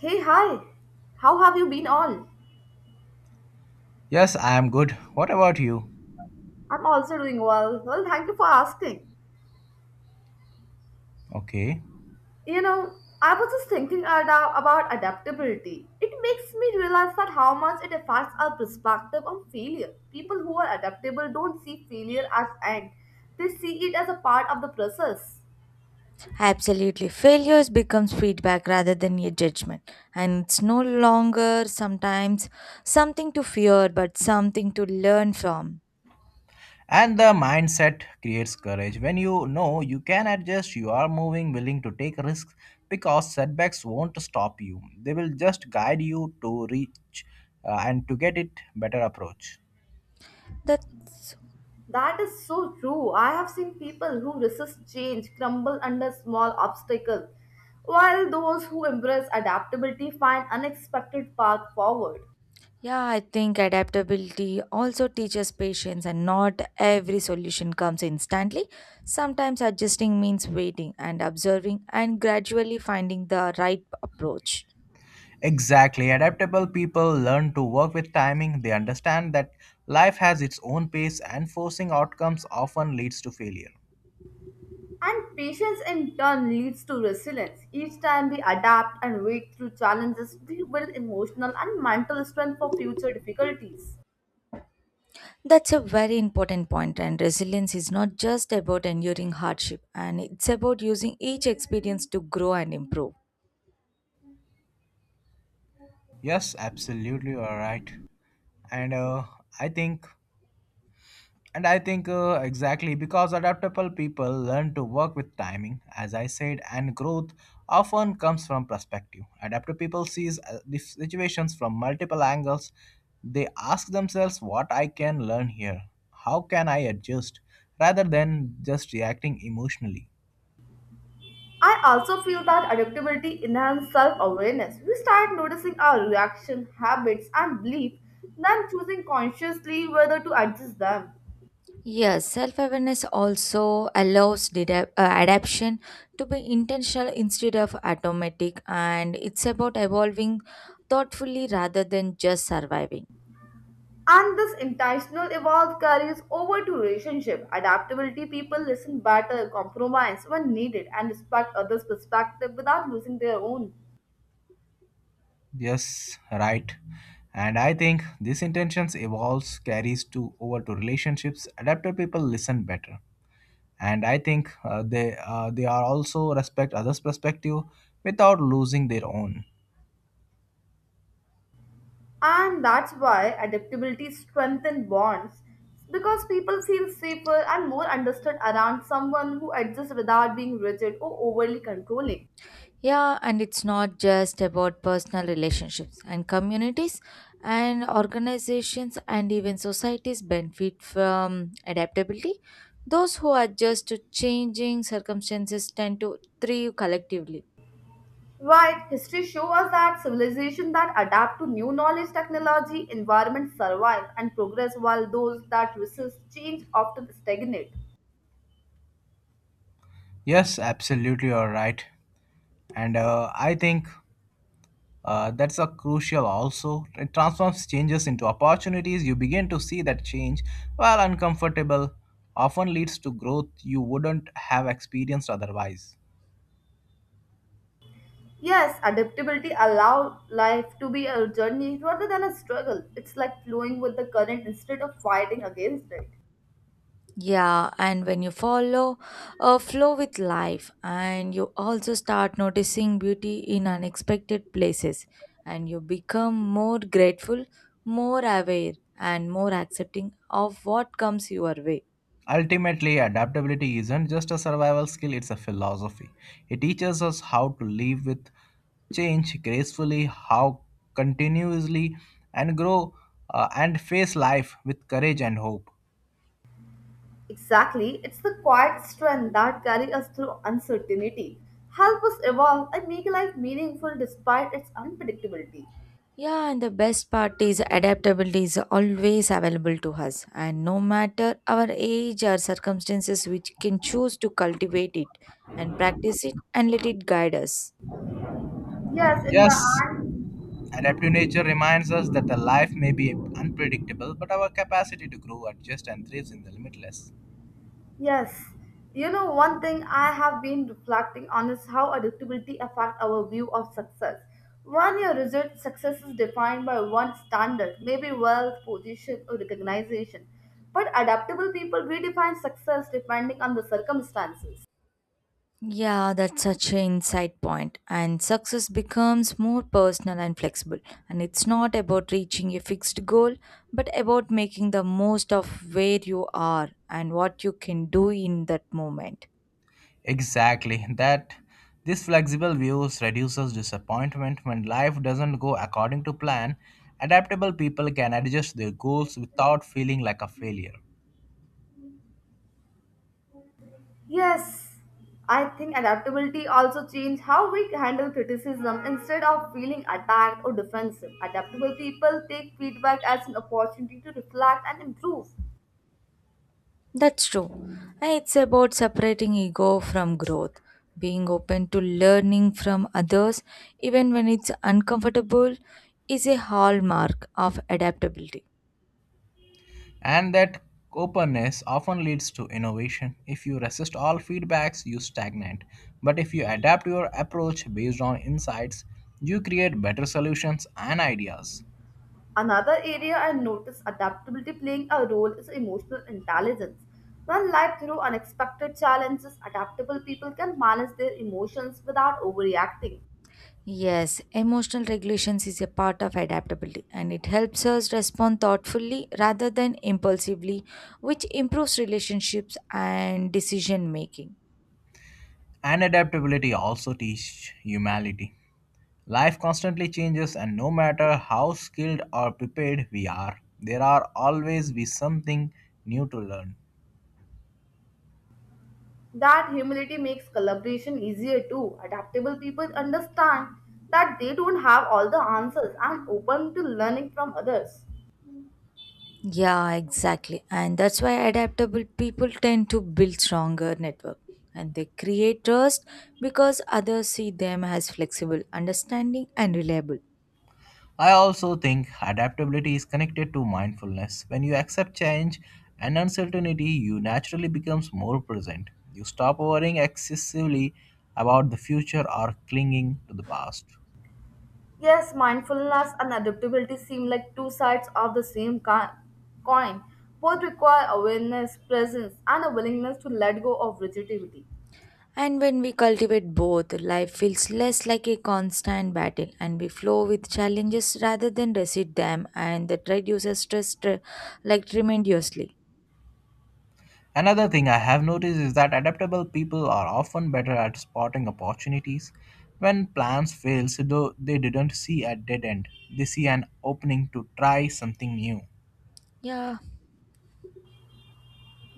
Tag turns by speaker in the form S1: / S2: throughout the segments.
S1: Hey, hi. How have you been all?
S2: Yes, I am good. What about you?
S1: I'm also doing well. Well, thank you for asking.
S2: Okay.
S1: You know, I was just thinking about adaptability. It makes me realize that how much it affects our perspective on failure. People who are adaptable don't see failure as end. They see it as a part of the process.
S3: Absolutely. Failures becomes feedback rather than a judgment. And it's no longer sometimes something to fear, but something to learn from.
S2: And the mindset creates courage. When you know you can adjust, you are moving, willing to take risks because setbacks won't stop you. They will just guide you to reach and to get it better approach.
S3: That's,
S1: That is so true. I have seen people who resist change crumble under small obstacles, while those who embrace adaptability find unexpected path forward.
S3: yeah, I think adaptability also teaches patience, and not every solution comes instantly. Sometimes adjusting means waiting and observing and gradually finding the right approach.
S2: Exactly. Adaptable people learn to work with timing. They understand that life has its own pace and forcing outcomes often leads to failure.
S1: And patience in turn leads to resilience. Each time we adapt and wait through challenges, we build emotional and mental strength for future difficulties.
S3: That's a very important point, and resilience is not just about enduring hardship, and it's about using each experience to grow and improve.
S2: Yes, absolutely, you are right. And uh, I think And I think exactly because adaptable people learn to work with timing, as I said, and growth often comes from perspective. Adaptable people sees the situations from multiple angles. They ask themselves, "What I can learn here? How can I adjust?" Rather than just reacting emotionally.
S1: I also feel that adaptability enhances self awareness. We start noticing our reaction, habits, and belief, then choosing consciously whether to adjust them.
S3: Yes, self awareness also allows adaptation to be intentional instead of automatic, and it's about evolving thoughtfully rather than just surviving.
S1: And this intentional evolve carries over to relationship. Adaptability people listen better, compromise when needed, and respect others' perspective without losing their own.
S2: Yes, right. And I think this intentions evolves carries to over to relationships. Adaptable people listen better, and I think they are also respect others perspective without losing their own.
S1: And that's why adaptability strengthens bonds because people feel safer and more understood around someone who adjusts without being rigid or overly controlling.
S3: Yeah, and it's not just about personal relationships and communities and organizations and even societies benefit from adaptability. Those who adjust to changing circumstances tend to thrive collectively.
S1: Right, history shows us that civilizations that adapt to new knowledge, technology, environment survive and progress while those that resist change often stagnate.
S2: Yes, absolutely, you're right. And I think that's a crucial, also it transforms changes into opportunities. You begin to see that change, while uncomfortable, often leads to growth you wouldn't have experienced otherwise.
S1: Yes, adaptability allows life to be a journey rather than a struggle. It's like flowing with the current instead of fighting against it.
S3: Yeah, and when you follow a flow with life and you also start noticing beauty in unexpected places and you become more grateful, more aware and more accepting of what comes your way.
S2: Ultimately, adaptability isn't just a survival skill, it's a philosophy. It teaches us how to live with change gracefully, how continuously and grow, and face life with courage and hope.
S1: Exactly, it's the quiet strength that carries us through uncertainty, help us evolve and make life meaningful despite its unpredictability.
S3: Yeah, and the best part is adaptability is always available to us, and no matter our age or circumstances, we can choose to cultivate it and practice it and let it guide us.
S1: Yes, in the
S2: Yes,
S1: end,
S2: adaptive nature reminds us that the life may be unpredictable, but our capacity to grow, adjust, and thrive in the limitless.
S1: yes. You know, one thing I have been reflecting on is how adaptability affects our view of success. When your result success is defined by one standard, maybe wealth, position, or recognition, but adaptable people redefine success depending on the circumstances.
S3: Yeah, that's such an insight point. And success becomes more personal and flexible. And it's not about reaching a fixed goal, but about making the most of where you are and what you can do in that moment.
S2: Exactly, that this flexible views reduces disappointment when life doesn't go according to plan. Adaptable people can adjust their goals without feeling like a failure.
S1: Yes, I think adaptability also changes how we handle criticism instead of feeling attacked or defensive. Adaptable people take feedback as an opportunity to reflect and improve.
S3: That's true. And it's about separating ego from growth, being open to learning from others, even when it's uncomfortable, is a hallmark of adaptability.
S2: And that openness often leads to innovation. If you resist all feedbacks, you stagnate. But if you adapt your approach based on insights, you create better solutions and ideas.
S1: Another area I notice adaptability playing a role is emotional intelligence. When life throws unexpected challenges, adaptable people can manage their emotions without overreacting.
S3: Yes, emotional regulations is a part of adaptability and it helps us respond thoughtfully rather than impulsively, which improves relationships and decision making.
S2: And adaptability also teaches humility. Life constantly changes, and no matter how skilled or prepared we are, there are always be something new to learn.
S1: That humility makes collaboration easier too. Adaptable people understand that they don't have all the answers and open to learning from others.
S3: Yeah, exactly. And that's why adaptable people tend to build stronger network and they create trust because others see them as flexible, understanding and reliable.
S2: I also think adaptability is connected to mindfulness. When you accept change and uncertainty, you naturally becomes more present. You stop worrying excessively about the future or clinging to the past.
S1: Yes, mindfulness and adaptability seem like two sides of the same coin. Both require awareness, presence, and a willingness to let go of rigidity.
S3: And when we cultivate both, life feels less like a constant battle and we flow with challenges rather than resist them and that reduces like, tremendously.
S2: Another thing I have noticed is that adaptable people are often better at spotting opportunities when plans fail, so though they didn't see a dead end, they see an opening to try something new.
S3: Yeah.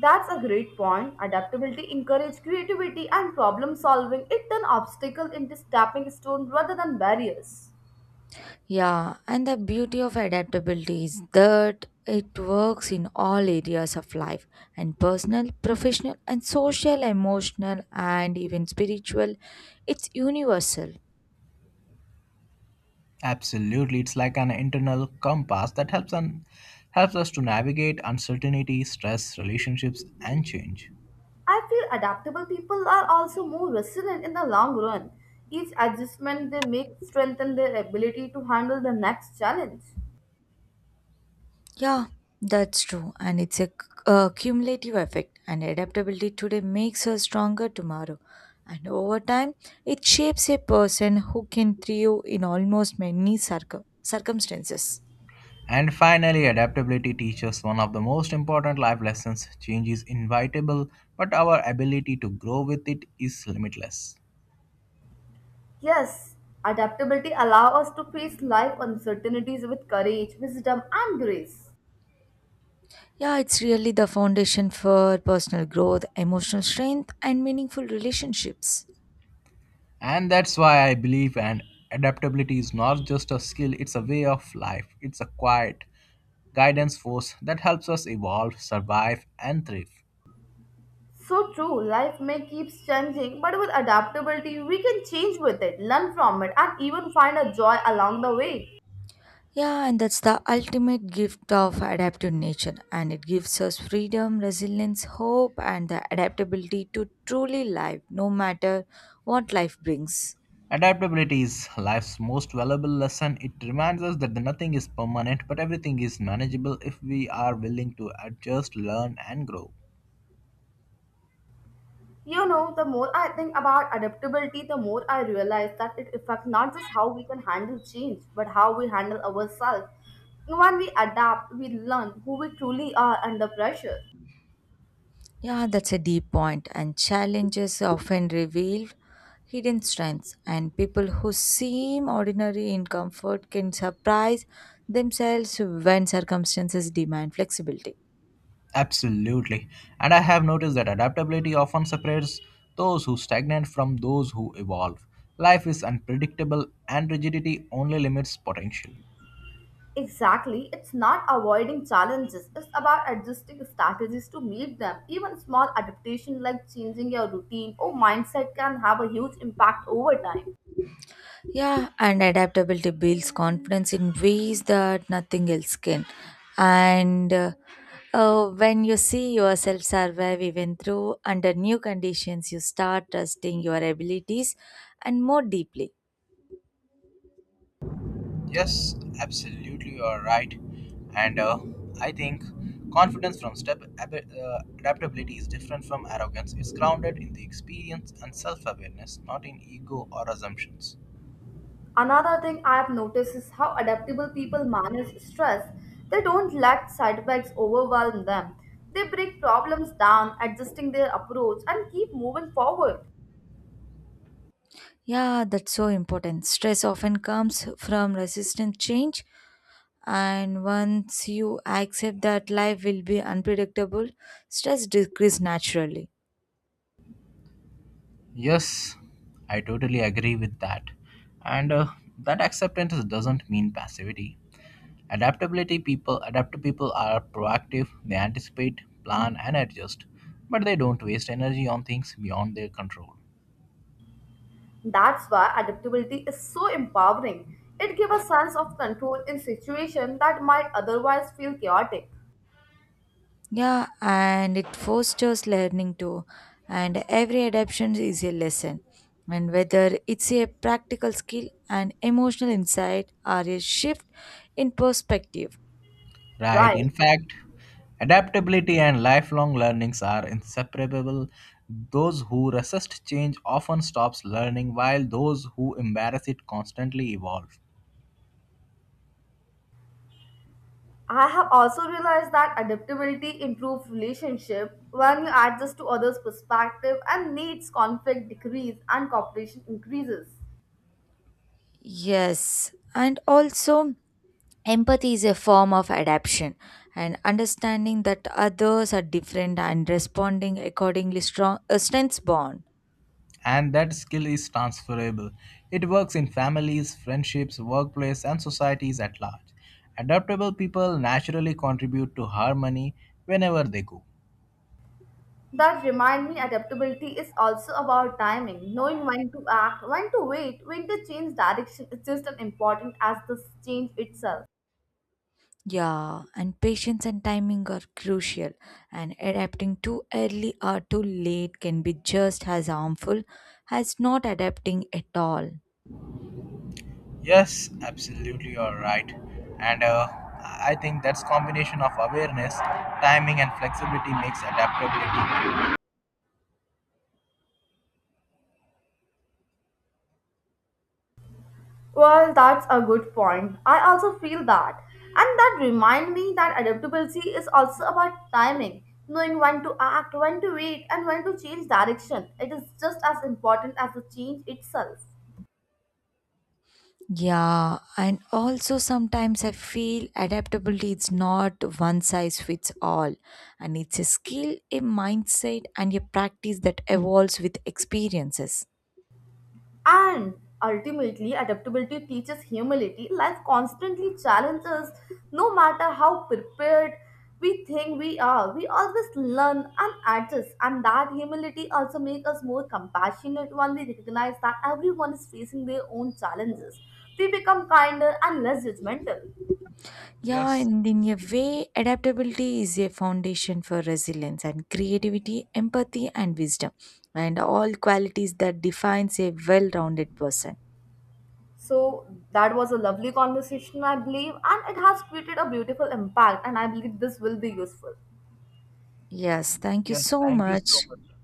S1: That's a great point. Adaptability encourages creativity and problem solving. It turns obstacles into stepping stones rather than barriers.
S3: Yeah, and the beauty of adaptability is that it works in all areas of life and personal, professional, and social, emotional, and even spiritual. It's universal.
S2: Absolutely, it's like an internal compass that helps us to navigate uncertainty, stress, relationships, and change.
S1: I feel adaptable people are also more resilient in the long run. Each adjustment they make strengthens their ability to handle the next challenge.
S3: Yeah, that's true. And it's a, c- A cumulative effect. And adaptability today makes us stronger tomorrow. And over time, it shapes a person who can thrive in almost many circumstances.
S2: And finally, adaptability teaches one of the most important life lessons. Change is inevitable, but our ability to grow with it is limitless.
S1: Yes, adaptability allows us to face life uncertainties with courage, wisdom, and grace.
S3: Yeah, it's really the foundation for personal growth, emotional strength, and meaningful relationships.
S2: And that's why I believe and adaptability is not just a skill, it's a way of life. It's a quiet guidance force that helps us evolve, survive, and thrive.
S1: So true, life may keep changing, but with adaptability, we can change with it, learn from it, and even find a joy along the way.
S3: Yeah, and that's the ultimate gift of adaptive nature, and it gives us freedom, resilience, hope, and the adaptability to truly live no matter what life brings.
S2: Adaptability is life's most valuable lesson. It reminds us that nothing is permanent, but everything is manageable if we are willing to adjust, learn, and grow.
S1: You know, the more I think about adaptability, the more I realize that it affects not just how we can handle change, but how we handle ourselves. When we adapt, we learn who we truly are under pressure.
S3: Yeah, that's a deep point, and challenges often reveal hidden strengths, and people who seem ordinary in comfort can surprise themselves when circumstances demand flexibility.
S2: Absolutely. And I have noticed that adaptability often separates those who stagnate from those who evolve. Life is unpredictable, and rigidity only limits potential.
S1: Exactly, it's not avoiding challenges, it's about adjusting strategies to meet them. Even small adaptation like changing your routine or mindset can have a huge impact over time.
S3: Yeah, and adaptability builds confidence in ways that nothing else can. And When you see yourself survive even through under new conditions, you start trusting your abilities and more deeply.
S2: Yes, absolutely, you are right. And I think confidence from adaptability is different from arrogance. It's grounded in the experience and self awareness, not in ego or assumptions.
S1: Another thing I've noticed is how adaptable people manage stress. They don't let setbacks overwhelm them. They break problems down, adjusting their approach, and keep moving forward.
S3: Yeah, that's so important. Stress often comes from resistant change, and once you accept that life will be unpredictable, stress decreases naturally.
S2: Yes, I totally agree with that. And that acceptance doesn't mean passivity. Adaptive people are proactive, they anticipate, plan, and adjust, but they don't waste energy on things beyond their control.
S1: That's why adaptability is so empowering. It gives a sense of control in situations that might otherwise feel chaotic.
S3: Yeah, and it fosters learning too. And every adaptation is a lesson. And whether it's a practical skill, an emotional insight, or a shift in perspective.
S2: Right.
S1: Right.
S2: In fact, adaptability and lifelong learnings are inseparable. Those who resist change often stops learning while those who embrace it constantly evolve.
S1: I have also realized that adaptability improves relationship when you adjust to others' perspective and needs conflict decrease and cooperation increases.
S3: Yes, and also empathy is a form of adaptation and understanding that others are different and responding accordingly strong strengths bond.
S2: And that skill is transferable. It works in families, friendships, workplace and societies at large. Adaptable people naturally contribute to harmony whenever they go.
S1: That remind me adaptability is also about timing, knowing when to act, when to wait, when to change direction is just as important as the change itself.
S3: Yeah, and patience and timing are crucial, and adapting too early or too late can be just as harmful as not adapting at all.
S2: Yes, absolutely, you're right. And I think that's combination of awareness, timing, and flexibility makes adaptability.
S1: Well, that's a good point. I also feel that. And that remind me that adaptability is also about timing, knowing when to act, when to wait, and when to change direction. It is just as important as the change itself.
S3: Yeah, and also sometimes I feel adaptability is not one size fits all, and it's a skill, a mindset, and a practice that evolves with experiences.
S1: And ultimately, adaptability teaches humility. Life constantly challenges us, no matter how prepared we think we are. We always learn and adjust, and that humility also makes us more compassionate when we recognize that everyone is facing their own challenges. We become kinder and less judgmental.
S3: Yeah,
S2: Yes,
S3: and in a way, adaptability is a foundation for resilience and creativity, empathy, and wisdom, and all qualities that defines a well-rounded person.
S1: So that was a lovely conversation, I believe, and it has created a beautiful impact, and I believe this will be useful.
S3: Yes, thank you
S2: yes.
S3: so
S2: Thank you so
S3: much.
S2: much.